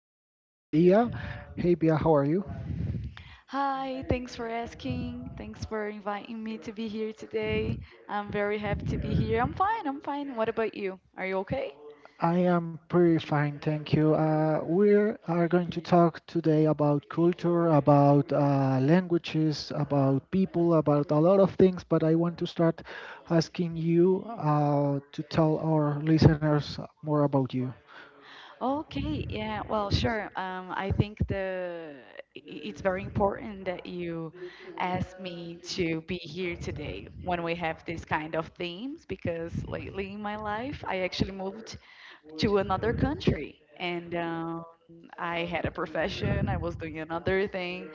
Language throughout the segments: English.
here with Via. Hey, Via, how are you? Hi, thanks for asking. Thanks for inviting me to be here today. I'm very happy to be here. I'm fine, I'm fine. What about you? Are you okay? I am pretty fine, thank you. We are going to talk today about culture, about languages, about people, about a lot of things. But I want to start asking you to tell our listeners more about you. Okay, yeah, well, sure. I think the I- It's very important that you asked me to be here today when we have this kind of themes because lately in my life I actually moved to another country and I had a profession, I was doing another thing,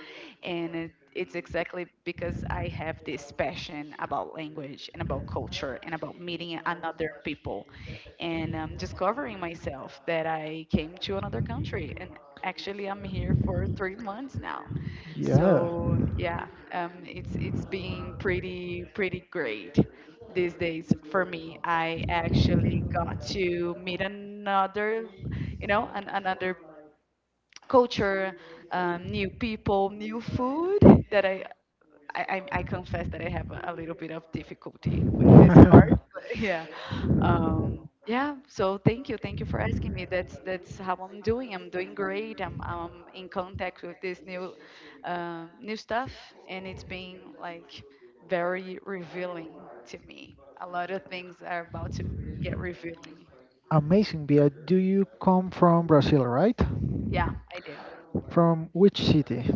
and it's exactly because I have this passion about language and about culture and about meeting another people and discovering myself that I came to another country and actually I'm here for 3 months now. Yeah. So it's been pretty great these days for me. I actually got to meet another, another culture, new people, new food that I, I confess that I have a little bit of difficulty with this part, but yeah. So thank you for asking me. That's how I'm doing. I'm doing great. I'm in contact with this new new stuff, and it's been like very revealing to me. A lot of things are about to get revealing. Amazing, Via. Do you come from Brazil, right? Yeah, I do. From which city?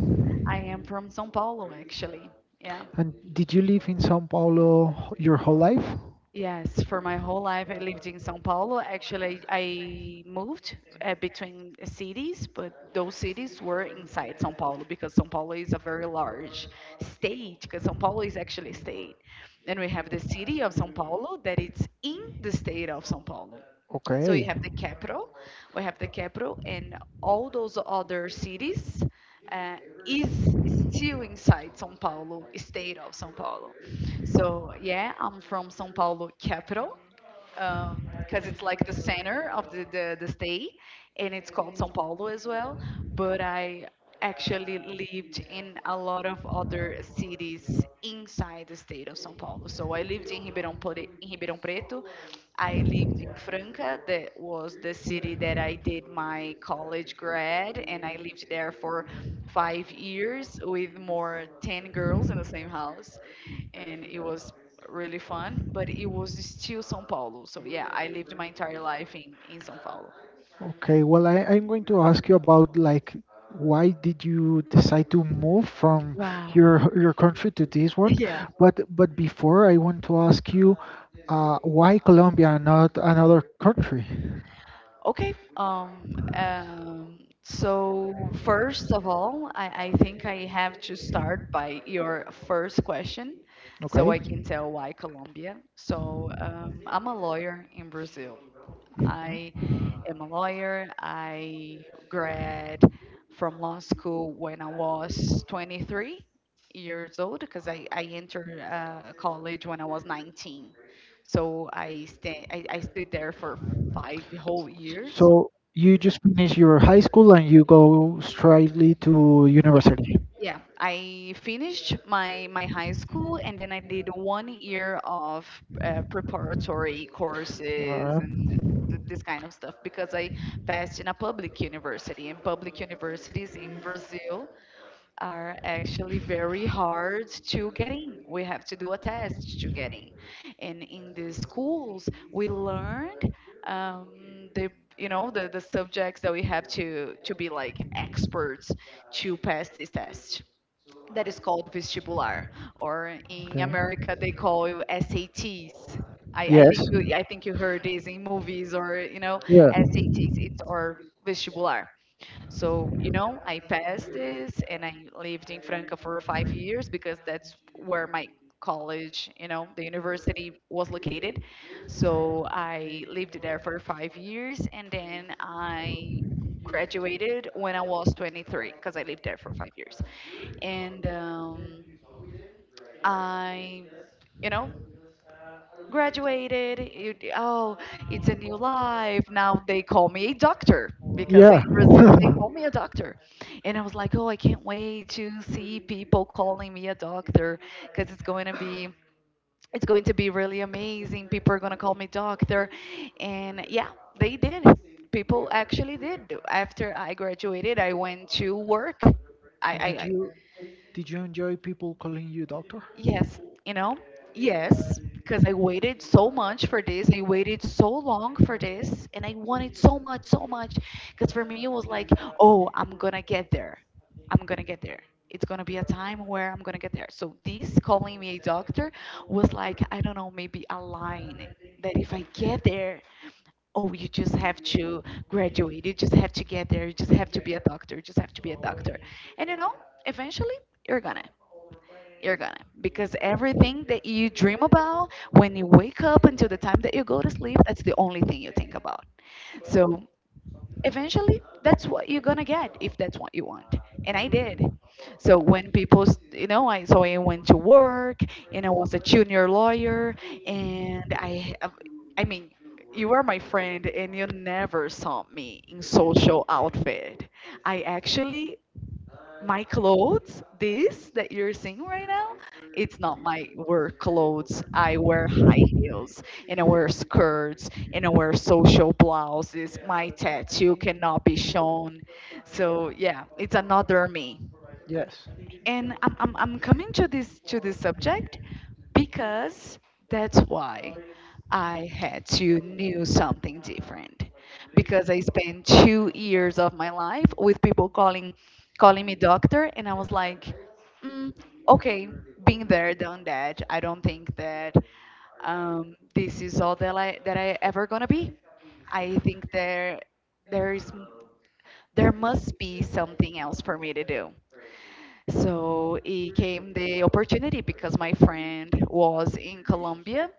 I am from São Paulo, actually. Yeah. And did you live in Sao Paulo your whole life? Yes, for my whole life I lived in São Paulo. Actually, I moved between cities, but those cities were inside São Paulo because São Paulo is a very large state, because São Paulo is actually a state. And we have the city of São Paulo that it's in the state of São Paulo. So you Okay. have the capital, we have the capital, and all those other cities uh, is still inside São Paulo, state of São Paulo. So yeah, I'm from São Paulo capital, because it's like the center of the state and it's called Sao Paulo as well. But I actually lived in a lot of other cities inside the state of Sao Paulo. So I lived in in Ribeirão Preto. I lived in Franca, that was the city that I did my college grad, and I lived there for 5 years with more 10 girls in the same house and it was really fun, but it was still São Paulo. So yeah, I lived my entire life in São Paulo. Okay, well, I'm going to ask you about like why did you decide to move from Wow. your your country to this one? Yeah. But before I want to ask you, why Colombia and not another country? Okay. Um, um, so first of all, I think I have to start by your first question so Okay. I can tell why Colombia. So I'm a lawyer in Brazil. I Mhm. am a lawyer. I grad from law school when I was 23 years old because I entered college when I was 19. So I stood there for five whole years. So you just finish your high school and you go straightly to university. Yeah, I finished my high school and then I did 1 year of preparatory courses Uh, and this kind of stuff because I passed in a public university. And public universities in Brazil are actually very hard to get in. We have to do a test to get in. And in the schools, we learned the the subjects that we have to be like experts to pass this test that is called vestibular, or in okay. America they call it SATs. Yes. I think you heard this in movies or you know Yeah. SATs. It's or vestibular. So, you know, I passed this and I lived in Franca for 5 years because that's where my college, you know, the university was located. So I lived there for 5 years and then I graduated when I was 23 because I lived there for 5 years and I, you know, graduated. Oh, it's a new life. Now they call me a doctor because in Yeah. Brazil they call me a doctor. And I was like, oh, I can't wait to see people calling me a doctor because it's going to be really amazing. People are going to call me doctor. And yeah, they did. People actually did. After I graduated, I went to work. I, did I, you did you enjoy people calling you doctor? Yes, you know, yes, because I waited so much for this. I waited so long for this, and I wanted so much, so much. Because for me, it was like, oh, I'm gonna get there. I'm gonna get there. It's gonna be a time where I'm gonna get there. So this calling me a doctor was like, I don't know, maybe a line that if I get there, oh, you just have to graduate. You just have to get there. You just have to be a doctor. You just have to be a doctor. And you know, eventually, you're gonna. You're gonna. Because everything that you dream about when you wake up until the time that you go to sleep, that's the only thing you think about. So eventually, that's what you're gonna get if that's what you want. And I did. So when people, s- you know, I so I went to work and I was a junior lawyer and I mean, you were my friend and you never saw me in social outfit. I actually my clothes, this that you're seeing right now, it's not my work clothes. I wear high heels and I wear skirts and I wear social blouses. My tattoo cannot be shown. So, yeah, it's another me Yes. and I'm coming to this subject because that's why I had to knew something different because I spent 2 years of my life with people calling me doctor and I was like mm, okay, being there done that. I don't think that this is all that I ever gonna be. I think there there is, there must be something else for me to do. So it came the opportunity because my friend was in Colombia,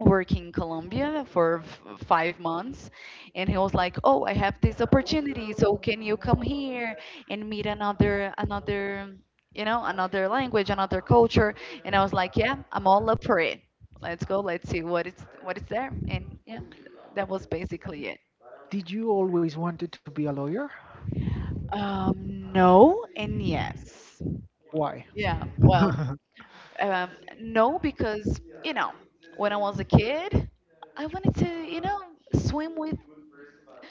working in Colombia for 5 months, and he was like, "Oh, I have this opportunity, so can you come here and meet another, you know, another language, another culture?" And I was like, "Yeah, I'm all up for it. Let's go. Let's see what is there." And yeah, that was basically it. Did you always wanted to be a lawyer? No and yes. Why? Yeah, well, Um, no, because, you know, when I was a kid, I wanted to, you know, swim with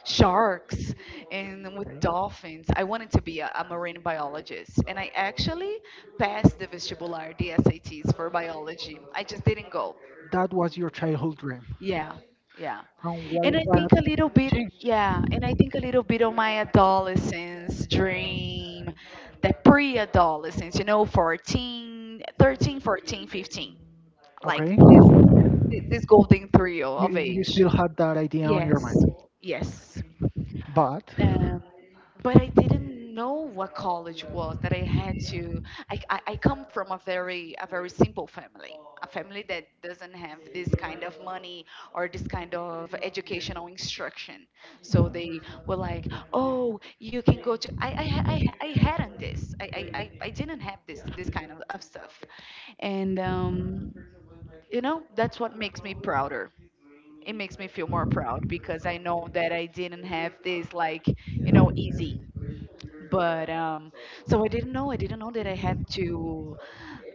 sharks and with Okay. dolphins. I wanted to be a marine biologist. And I actually passed the vestibular, the SATs for biology. I just didn't go. That was your childhood dream. Yeah, yeah. And why, why did it change? And I think a little bit of my adolescence dream, the pre-adolescence, you know, 13, 14, 15, like Okay. this this golden trio of You age. still had that idea on your mind. Yes, yes. But, Um, mhm, but I didn't know what college was that I had to. I come from a very simple family, a family that doesn't have this kind of money or this kind of educational instruction. So they were like, "Oh, you can go to." I hadn't this. I didn't have this kind of stuff. And you know, that's what makes me prouder. It makes me feel more proud because I know that I didn't have this like, you know, easy. But so I didn't know. I didn't know that I had to,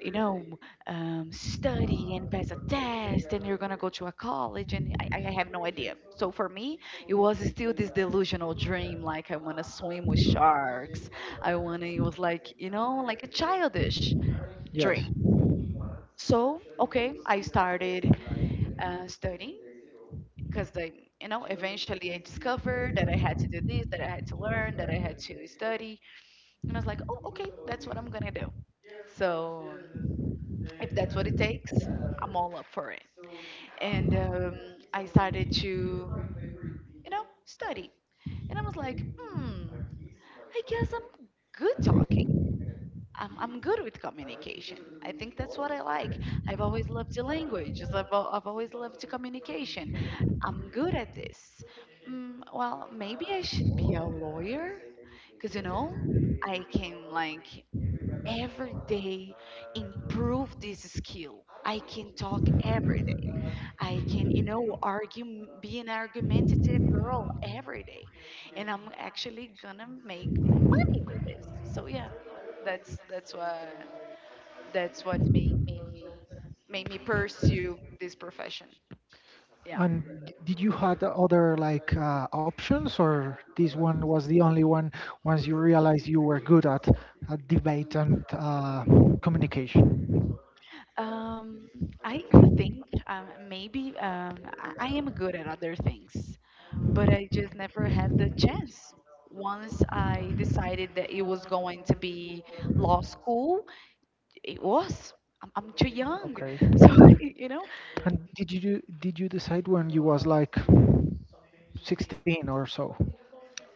you know, study and pass a test, and you're gonna go to a college, and I have no idea. So for me, it was still this delusional dream, like I wanna swim with sharks. I wanna. It was like, you know, like a childish yes. dream. So, okay, I started studying because you know, eventually I discovered that I had to do this, that I had to learn, that I had to study. And I was like, oh, okay, that's what I'm going to do. So, if that's what it takes, I'm all up for it. And I started to, you know, study. And I was like, hmm, I guess I'm good talking. I'm good with communication. I think that's what I like. I've always loved the languages. I've always loved the communication. I'm good at this. Mm, well, maybe I should be a lawyer because, you know, I can like every day improve this skill. I can talk every day. I can, you know, argue, be an argumentative girl every day, and I'm actually gonna make money with this. So yeah, that's that's what that's what made me pursue this profession. Yeah. And did you had other like options or this one was the only one once you realized you were good at debate and communication? Um, I think maybe I am good at other things, but I just never had the chance. Once I decided that it was going to be law school, it was. I'm too young. Okay. So, you know, And did you decide when you was like 16 or so?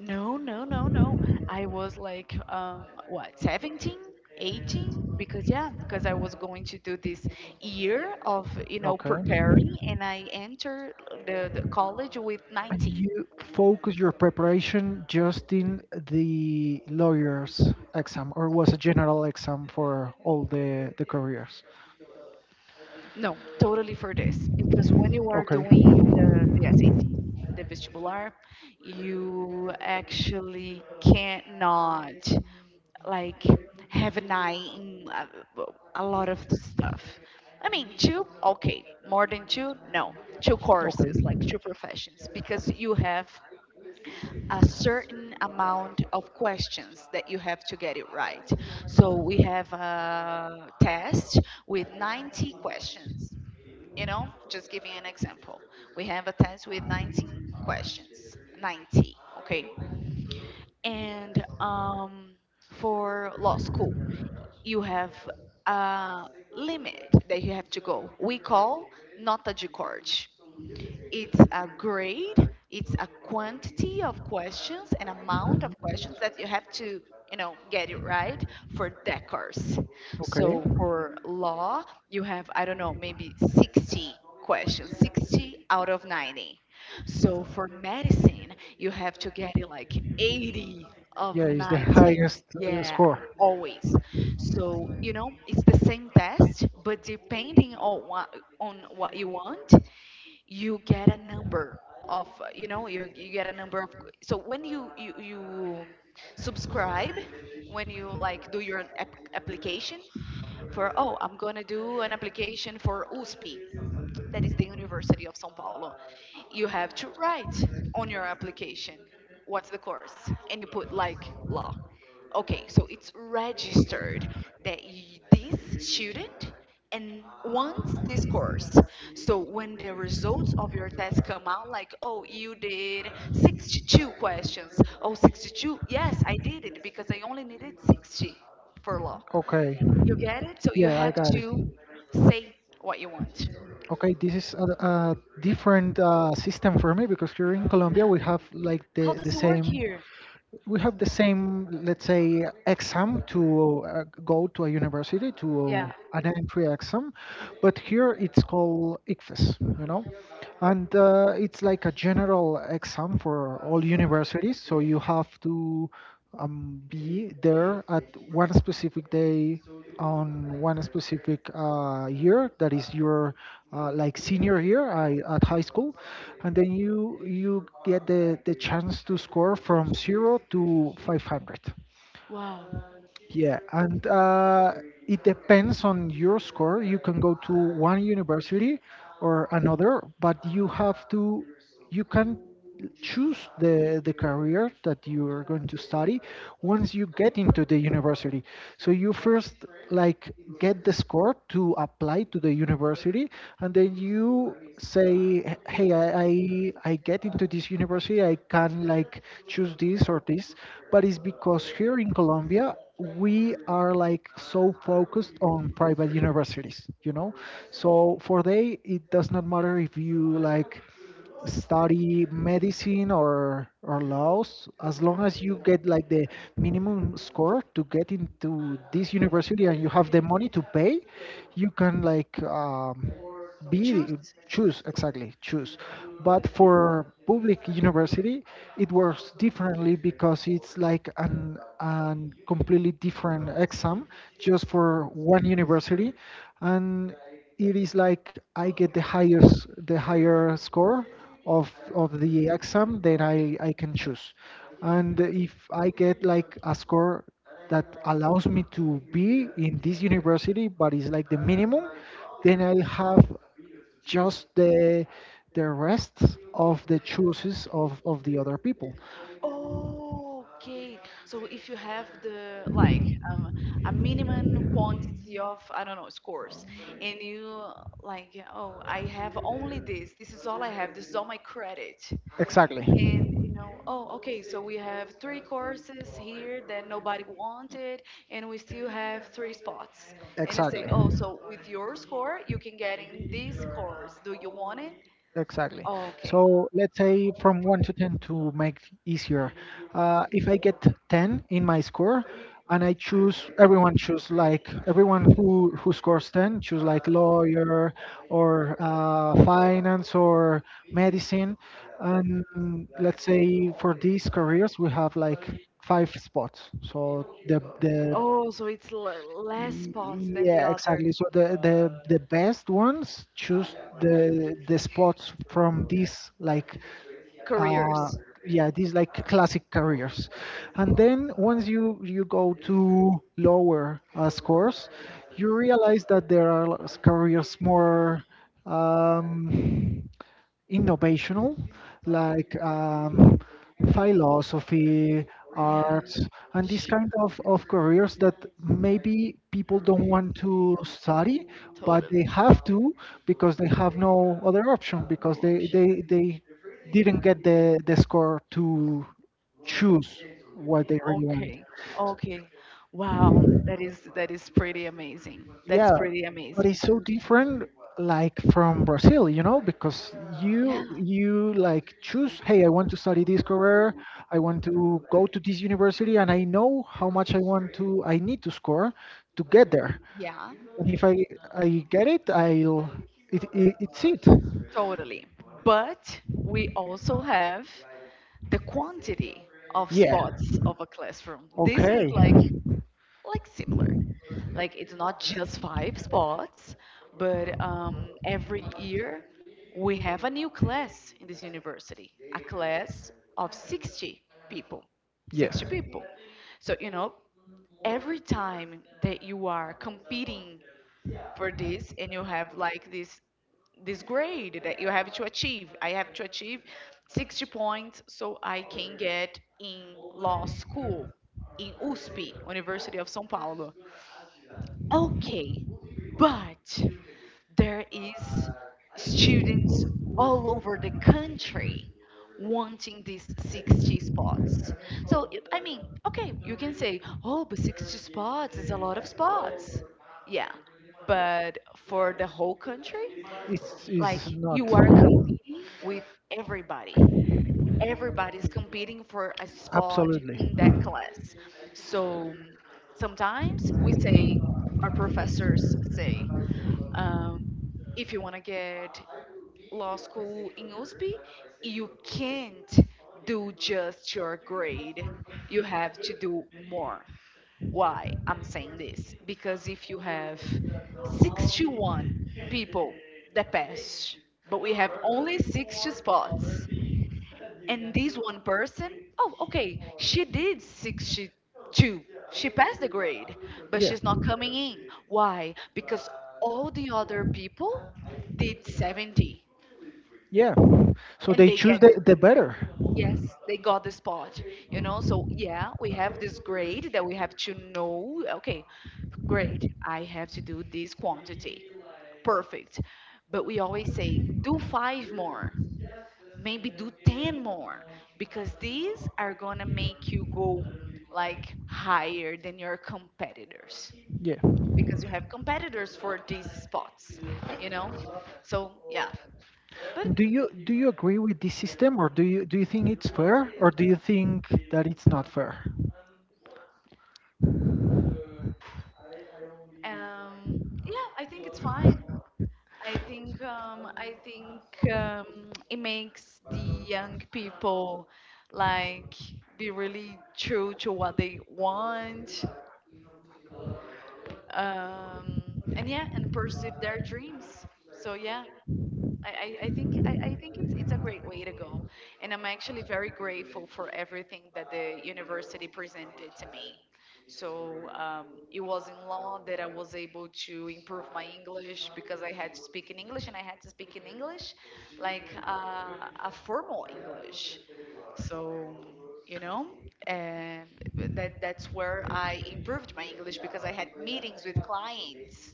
no, no, no, no. I was like, what, 17, 18? Because I was going to do this year of Okay. preparing, and I entered the college with And 19. you focus your preparation just in the lawyer's exam, or was a general exam for all the careers? No, totally for this. Because when you are Okay, doing the SATs, the vestibular, you actually cannot like have an eye in a lot of stuff. I mean, two, okay, more than two, no, two okay, courses, like two professions, because you have a certain amount of questions that you have to get it right. So we have a test with 90 questions. You know, just giving an example. We have a test with 19 questions, 90, okay? And for law school, you have a limit that you have to go. We call nota de corte. It's a grade, it's a quantity of questions, an amount of questions that you have to, you know, get it right for that course. okay. So for law, you have, I don't know, maybe 60 questions, 60 out of 90. So for medicine, you have to get it like 80 of Yeah, it's the 90. highest Yeah, score. always. So, you know, it's the same test, but depending on what you want, you get a number of, you get a number of, so when you subscribe, when you like do your application for, oh, I'm gonna do an application for USP, that is the University of São Paulo. You have to write on your application what's the course, and you put like law. Okay, so it's registered that y this student and wants this course. So when the results of your test come out, like, oh, you did 62 questions. Oh, 62? Yes, I did it because I only needed 60 for law. Okay. You get it? So you Yeah, I have got it. to say what you want. Okay, this is a different system for me because here in Colombia Yeah. we have like How the does it work same here? we have the same, let's say, exam to go to a university to Yeah. an entry exam, but here it's called ICFES, you know, and it's like a general exam for all universities. So you have to be there at one specific day on one specific year that is your like senior year at high school and then you get the chance to score from 0 to 500. Wow. Yeah. And it depends on your score you can go to one university or another, but you have to, you can choose the career that you are going to study once you get into the university. So you first like get the score to apply to the university, and then you say, "Hey, I get into this university. I can like choose this or this." But it's because here in Colombia we are like so focused on private universities, you know. So for they, it does not matter if you like study medicine or laws as long as you get like the minimum score to get into this university and you have the money to pay, you can like be Choose. choose, exactly, choose. But for public university it works differently because it's like an completely different exam just for one university. And it is like I get the higher score of the exam, then I can choose. And if I get like a score that allows me to be in this university, but it's like the minimum, then I'll have just the rest of the choices of the other people. Okay. So if you have the like um, a minimum quantity of, I don't know, scores, and you like, oh, I have only this. This is all I have. This is all my credit. Exactly. And you know, oh, okay. So we have three courses here that nobody wanted, and we still have three spots. And you say, Exactly. oh, so with your score you can get in this course. Do you want it? Exactly. Okay. So let's say from 1 to 10 to make it easier. If I get 10 in my score and I choose, everyone choose like, everyone who scores 10 choose like lawyer or finance or medicine. And let's say for these careers, we have like five spots. So the Oh, so it's less spots than the yeah, other exactly. So the best ones choose the spots from these like uh careers. yeah, these like classic careers. And then once you go to lower scores, you realize that there are careers more um innovational, like philosophy, Yeah, arts, and these kind of careers that maybe people don't want to study, but they totally. have to because they have no other option No because option. They didn't get the score to choose what they really want. Okay. Okay. Wow, that is pretty amazing. That's Yeah, pretty but amazing. it's so different like from Brazil, you know, because Yeah. you like choose, hey, I want to study this career, I want to go to this university and I know how much I need to score to get there. Yeah, And if I I get it, I'll it, it it's it. totally. But we also have the quantity of Yeah. spots of a classroom. This is Okay. like similar. Like it's not just five spots, but every year we have a new class in this university, a class of 60 people. Yeah. 60 people. So, you know, every time that you are competing for this and you have like this grade that you have to achieve. I have to achieve 60 points so I can get in law school in USP, University of São Paulo. Okay, but there is students all over the country wanting these 60 spots. So, I mean, okay, you can say, oh, but 60 spots is a lot of spots. Yeah, but for the whole country, like It's not you are competing with everybody. Everybody's competing for a spot absolutely. in that class. So sometimes we say, our professors say, um, if you want to get law school in USP, you can't do just your grade. You have to do more. Why I'm saying this? Because if you have 61 people that pass, but we have only 60 spots, and this one person, oh, okay, she did 62, she passed the grade, but Yeah. she's not coming in. Why? Because all the other people did 70, Yeah. So and they they get choose the the better. yes, they got the spot, you know. So yeah, we have this grade that we have to know. Okay, great, I have to do this quantity, perfect. But we always say, do five more, maybe do 10 more, because these are going to make you go like higher than your competitors, Yeah. because you have competitors for these spots, you know so yeah, but Do you agree with this system or do you think it's fair or do you think that it's not fair? um yeah, I think it's fine. I think um i think um it makes the young people like be really true to what they want, um and yeah, and pursue their dreams, so yeah, I, I think it's a great way to go, and I'm actually very grateful for everything that the university presented to me. So it was in law that I was able to improve my English because I had to speak in English and I had to speak in English, like a formal English. So you know, and that that's where I improved my English because I had meetings with clients,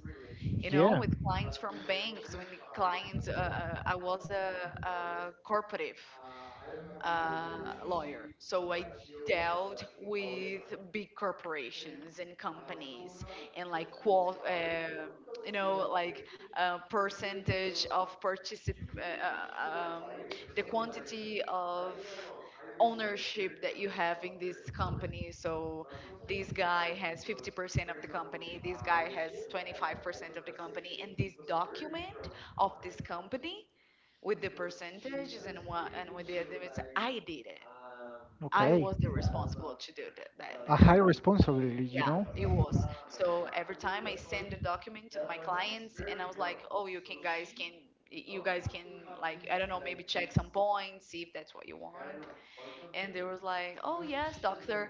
Yeah. with clients from banks, when the clients, I was a corporative, lawyer. So I dealt with big corporations and companies, and like, like percentage of, the quantity of ownership that you have in this company. So this guy has 50% of the company, this guy has 25% of the company, and this document of this company with the percentages and what and with the limits, I did it. I Okay. was the responsible to do that A high kind of. responsibility, you Yeah, know? it was. So every time I send a document to my clients and I was like, oh, you guys can, like, I don't know, maybe check some points, see if that's what you want. And they was like, oh, yes, doctor,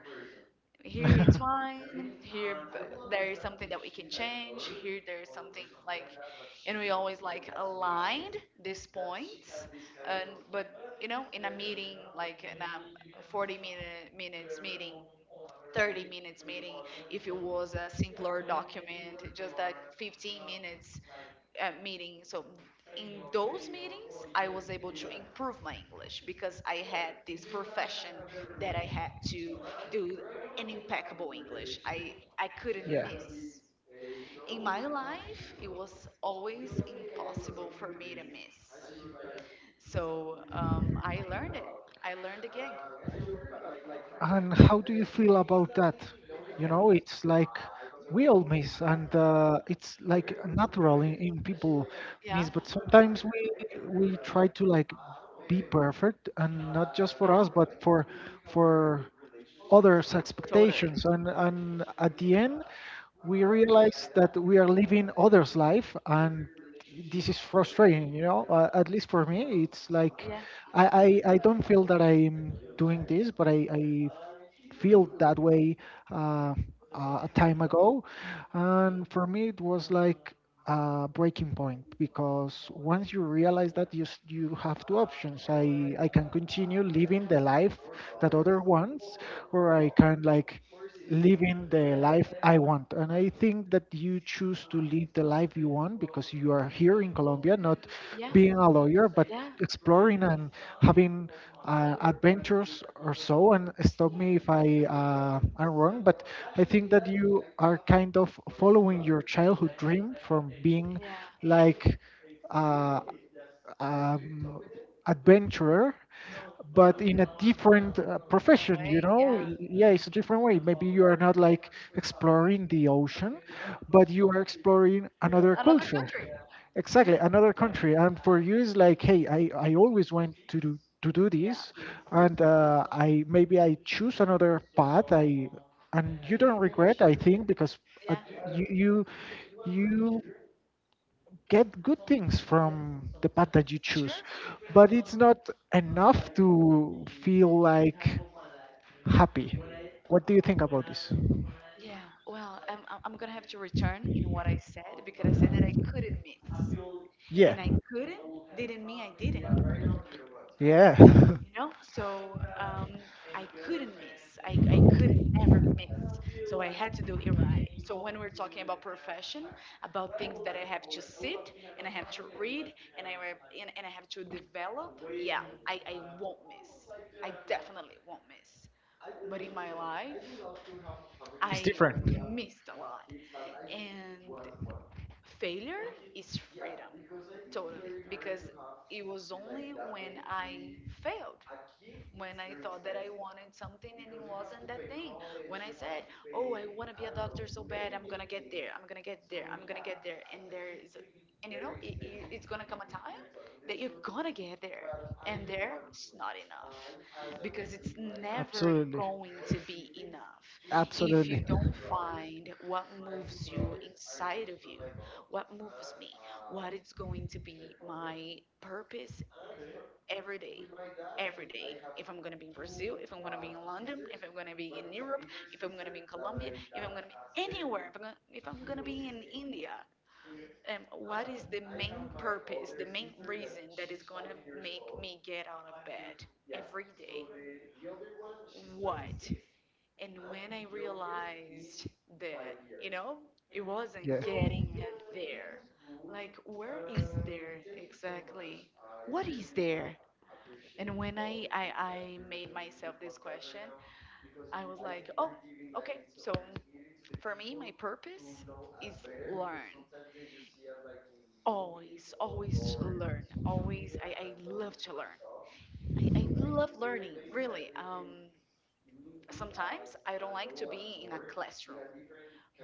here it's fine, here b- there is something that we can change here, there is something like, and we always like aligned these points. And, but you know, in a meeting, like in a 40 minutes meeting, 30 minutes meeting, if it was a simpler document, just a 15 minutes meeting. So in those meetings, I was able to improve my English because I had this profession that I had to do an impeccable English. I couldn't yeah. miss. In my life, it was always impossible for me to miss. So I learned it. I learned again. And how do you feel about that? You know, it's like we all miss, and it's like natural in people Yeah. miss. But sometimes we try to like be perfect, and not just for Yeah. us, but for others' Totally. expectations. And at the end, we realize that we are living others' life and this is frustrating, you know, at least for me. It's like Yeah. I don't feel that I'm doing this, but I feel that way uh, a time ago. And for me, it was like a breaking point because once you realize that you, you have two options. I can continue living the life that other wants, or I can like living the life I want. And I think that you choose to live the life you want because you are here in Colombia, not Yeah. being a lawyer, but Yeah. exploring and having adventures or so. And stop me if I am wrong, but I think that you are kind of following your childhood dream from being Yeah. like. Uh, um, adventurer, but in a different Different profession, way. you know? Yeah. Yeah, it's a different way. Maybe you are not like exploring the ocean, but you are exploring another Another culture. country. Yeah. Exactly, another country. And for you, it's like, hey, I always want to do Yeah. this, and I maybe I choose another path. I And you don't regret, I think, because uh, Yeah. you you you get good things from the path that you choose, Sure. but it's not enough to feel like happy. What do you think about this? Yeah. Well, I'm gonna have to return in what I said because I said that I couldn't miss, Yeah, and I couldn't didn't mean I didn't. yeah, You know, so I couldn't miss. I couldn't never miss, so I had to do it right. So when we're talking about profession, about things that I have to sit and I have to read, and and I have to develop, yeah, I won't miss, I definitely won't miss. But in my life, it's I different. missed a lot, and failure is freedom, totally, because it was only when I failed, when I thought that I wanted something and it wasn't that thing. When I said, "Oh, I want to be a doctor so bad, I'm gonna get there, I'm gonna get there, I'm gonna get there," and it's gonna come a time that you're gonna get there, and there is not enough, because it's never Absolutely, going to be enough if absolutely. you don't find what moves you inside of you, what moves me, what is going to be my purpose, every day, every day. If I'm gonna be in Brazil, if I'm gonna be in London, if I'm gonna be in Europe, if I'm gonna be in Colombia, if I'm gonna be anywhere, if I'm gonna be in India, what is the main purpose, the main reason that is gonna make me get out of bed every day? What? And when I realized that, it Yeah, wasn't getting there. Like, where is there exactly? What is there? And when I made myself this question, I was like, oh, okay, so for me, my purpose is learn. Always, always learn. Always, I love to learn. I love learning, really. Sometimes I don't like to be in a classroom,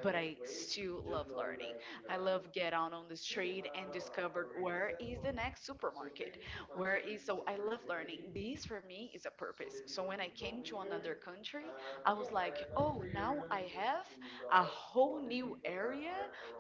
but I still love learning. I love get out on the street and discover where is the next supermarket, where is so I love learning. This for me is a purpose. So when I came to another country, I was like, oh, now I have a whole new area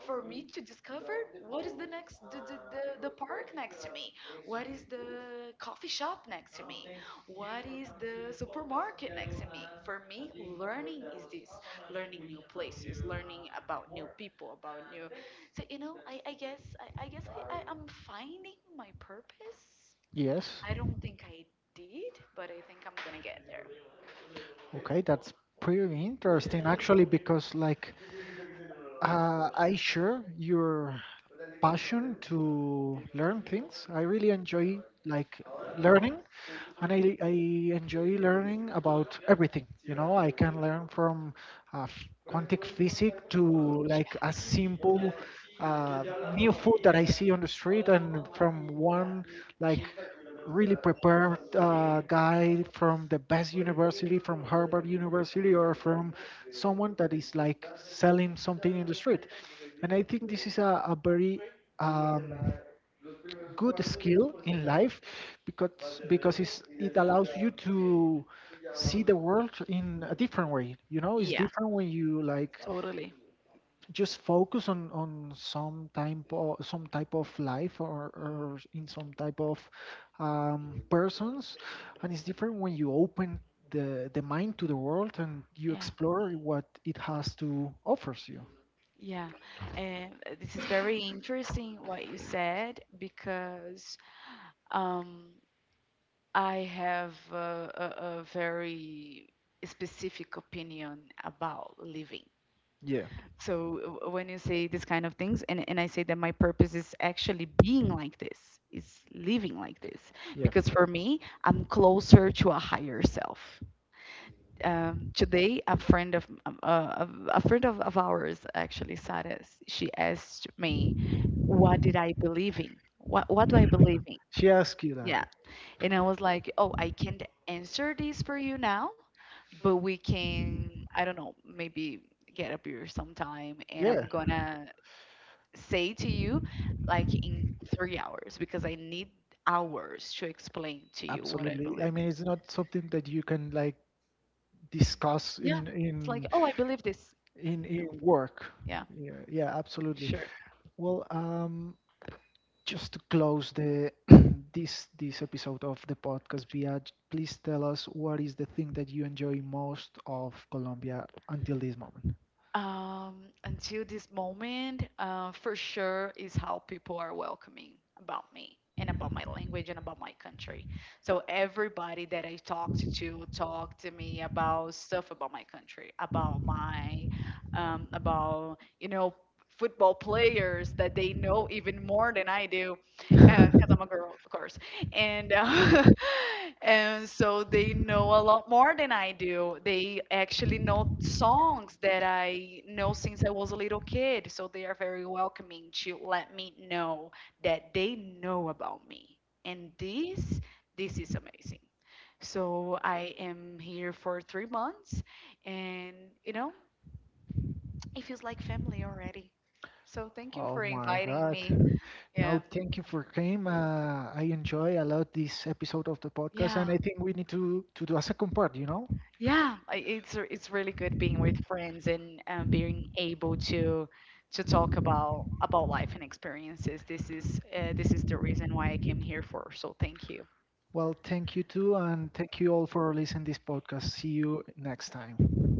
for me to discover what is the next, the park next to me, what is the coffee shop next to me? What is the supermarket next to me? For me, learning is this, learning new places, learning about new people, about new. So, I guess, I'm finding my purpose. yes. I don't think I did, but I think I'm gonna get there. Okay, that's pretty interesting actually because like I share your passion to learn things. I really enjoy like learning, and I enjoy learning about everything. You know, I can learn from quantum physics to like a simple uh, new food that I see on the street, and from one like really prepared guy from the best university, from Harvard University, or from someone that is like selling something in the street. And I think this is a very um, good skill in life because it's, it allows you to see the world in a different way. You know, Yeah. Yeah, it's different yeah. when you like Totally. just focus on some type of life, or in some type of persons. And it's different when you open the mind to the world and you Yeah. explore what it has to offers you. Yeah, and this is very interesting what you said because um, I have a very specific opinion about living. Yeah, So when you say this kind of things, and I say that my purpose is actually being like this, is living like this, yeah. because for me, I'm closer to a higher self. Today a friend of ours actually said us, she asked me, what did I believe in? What do I believe in? She asked you that? Yeah, and I was like, oh, I can't answer this for you now, but we can, I don't know, maybe get a beer sometime, and I'm Yeah, gonna say to you, like in 3 hours, because I need hours to explain to you what I absolutely. believe I in. mean, it's not something that you can like discuss Yeah, it's like, oh, I believe this. In No. work. Yeah. Yeah, yeah, absolutely. Sure. Well, just to close the this episode of the podcast, Bia, please tell us what is the thing that you enjoy most of Colombia until this moment. Until this moment, for sure, is how people are welcoming about me and about my language and about my country. So everybody that I talked to talked to me about stuff about my country, about football players that they know even more than I do, because I'm a girl, of course. And and so they know a lot more than I do. They actually know songs that I know since I was a little kid, so they are very welcoming to let me know that they know about me. And this is amazing. So I am here for 3 months, and you know, it feels like family already. So thank you Oh for my inviting God. me. No, Yeah. thank you for came. I enjoy a lot this episode of the podcast, Yeah. and I think we need to do a second part, you know? Yeah, it's really good being with friends, and being able to talk about life and experiences. This is the reason why I came here for. So thank you. Well, thank you too, and thank you all for listening this podcast. See you next time.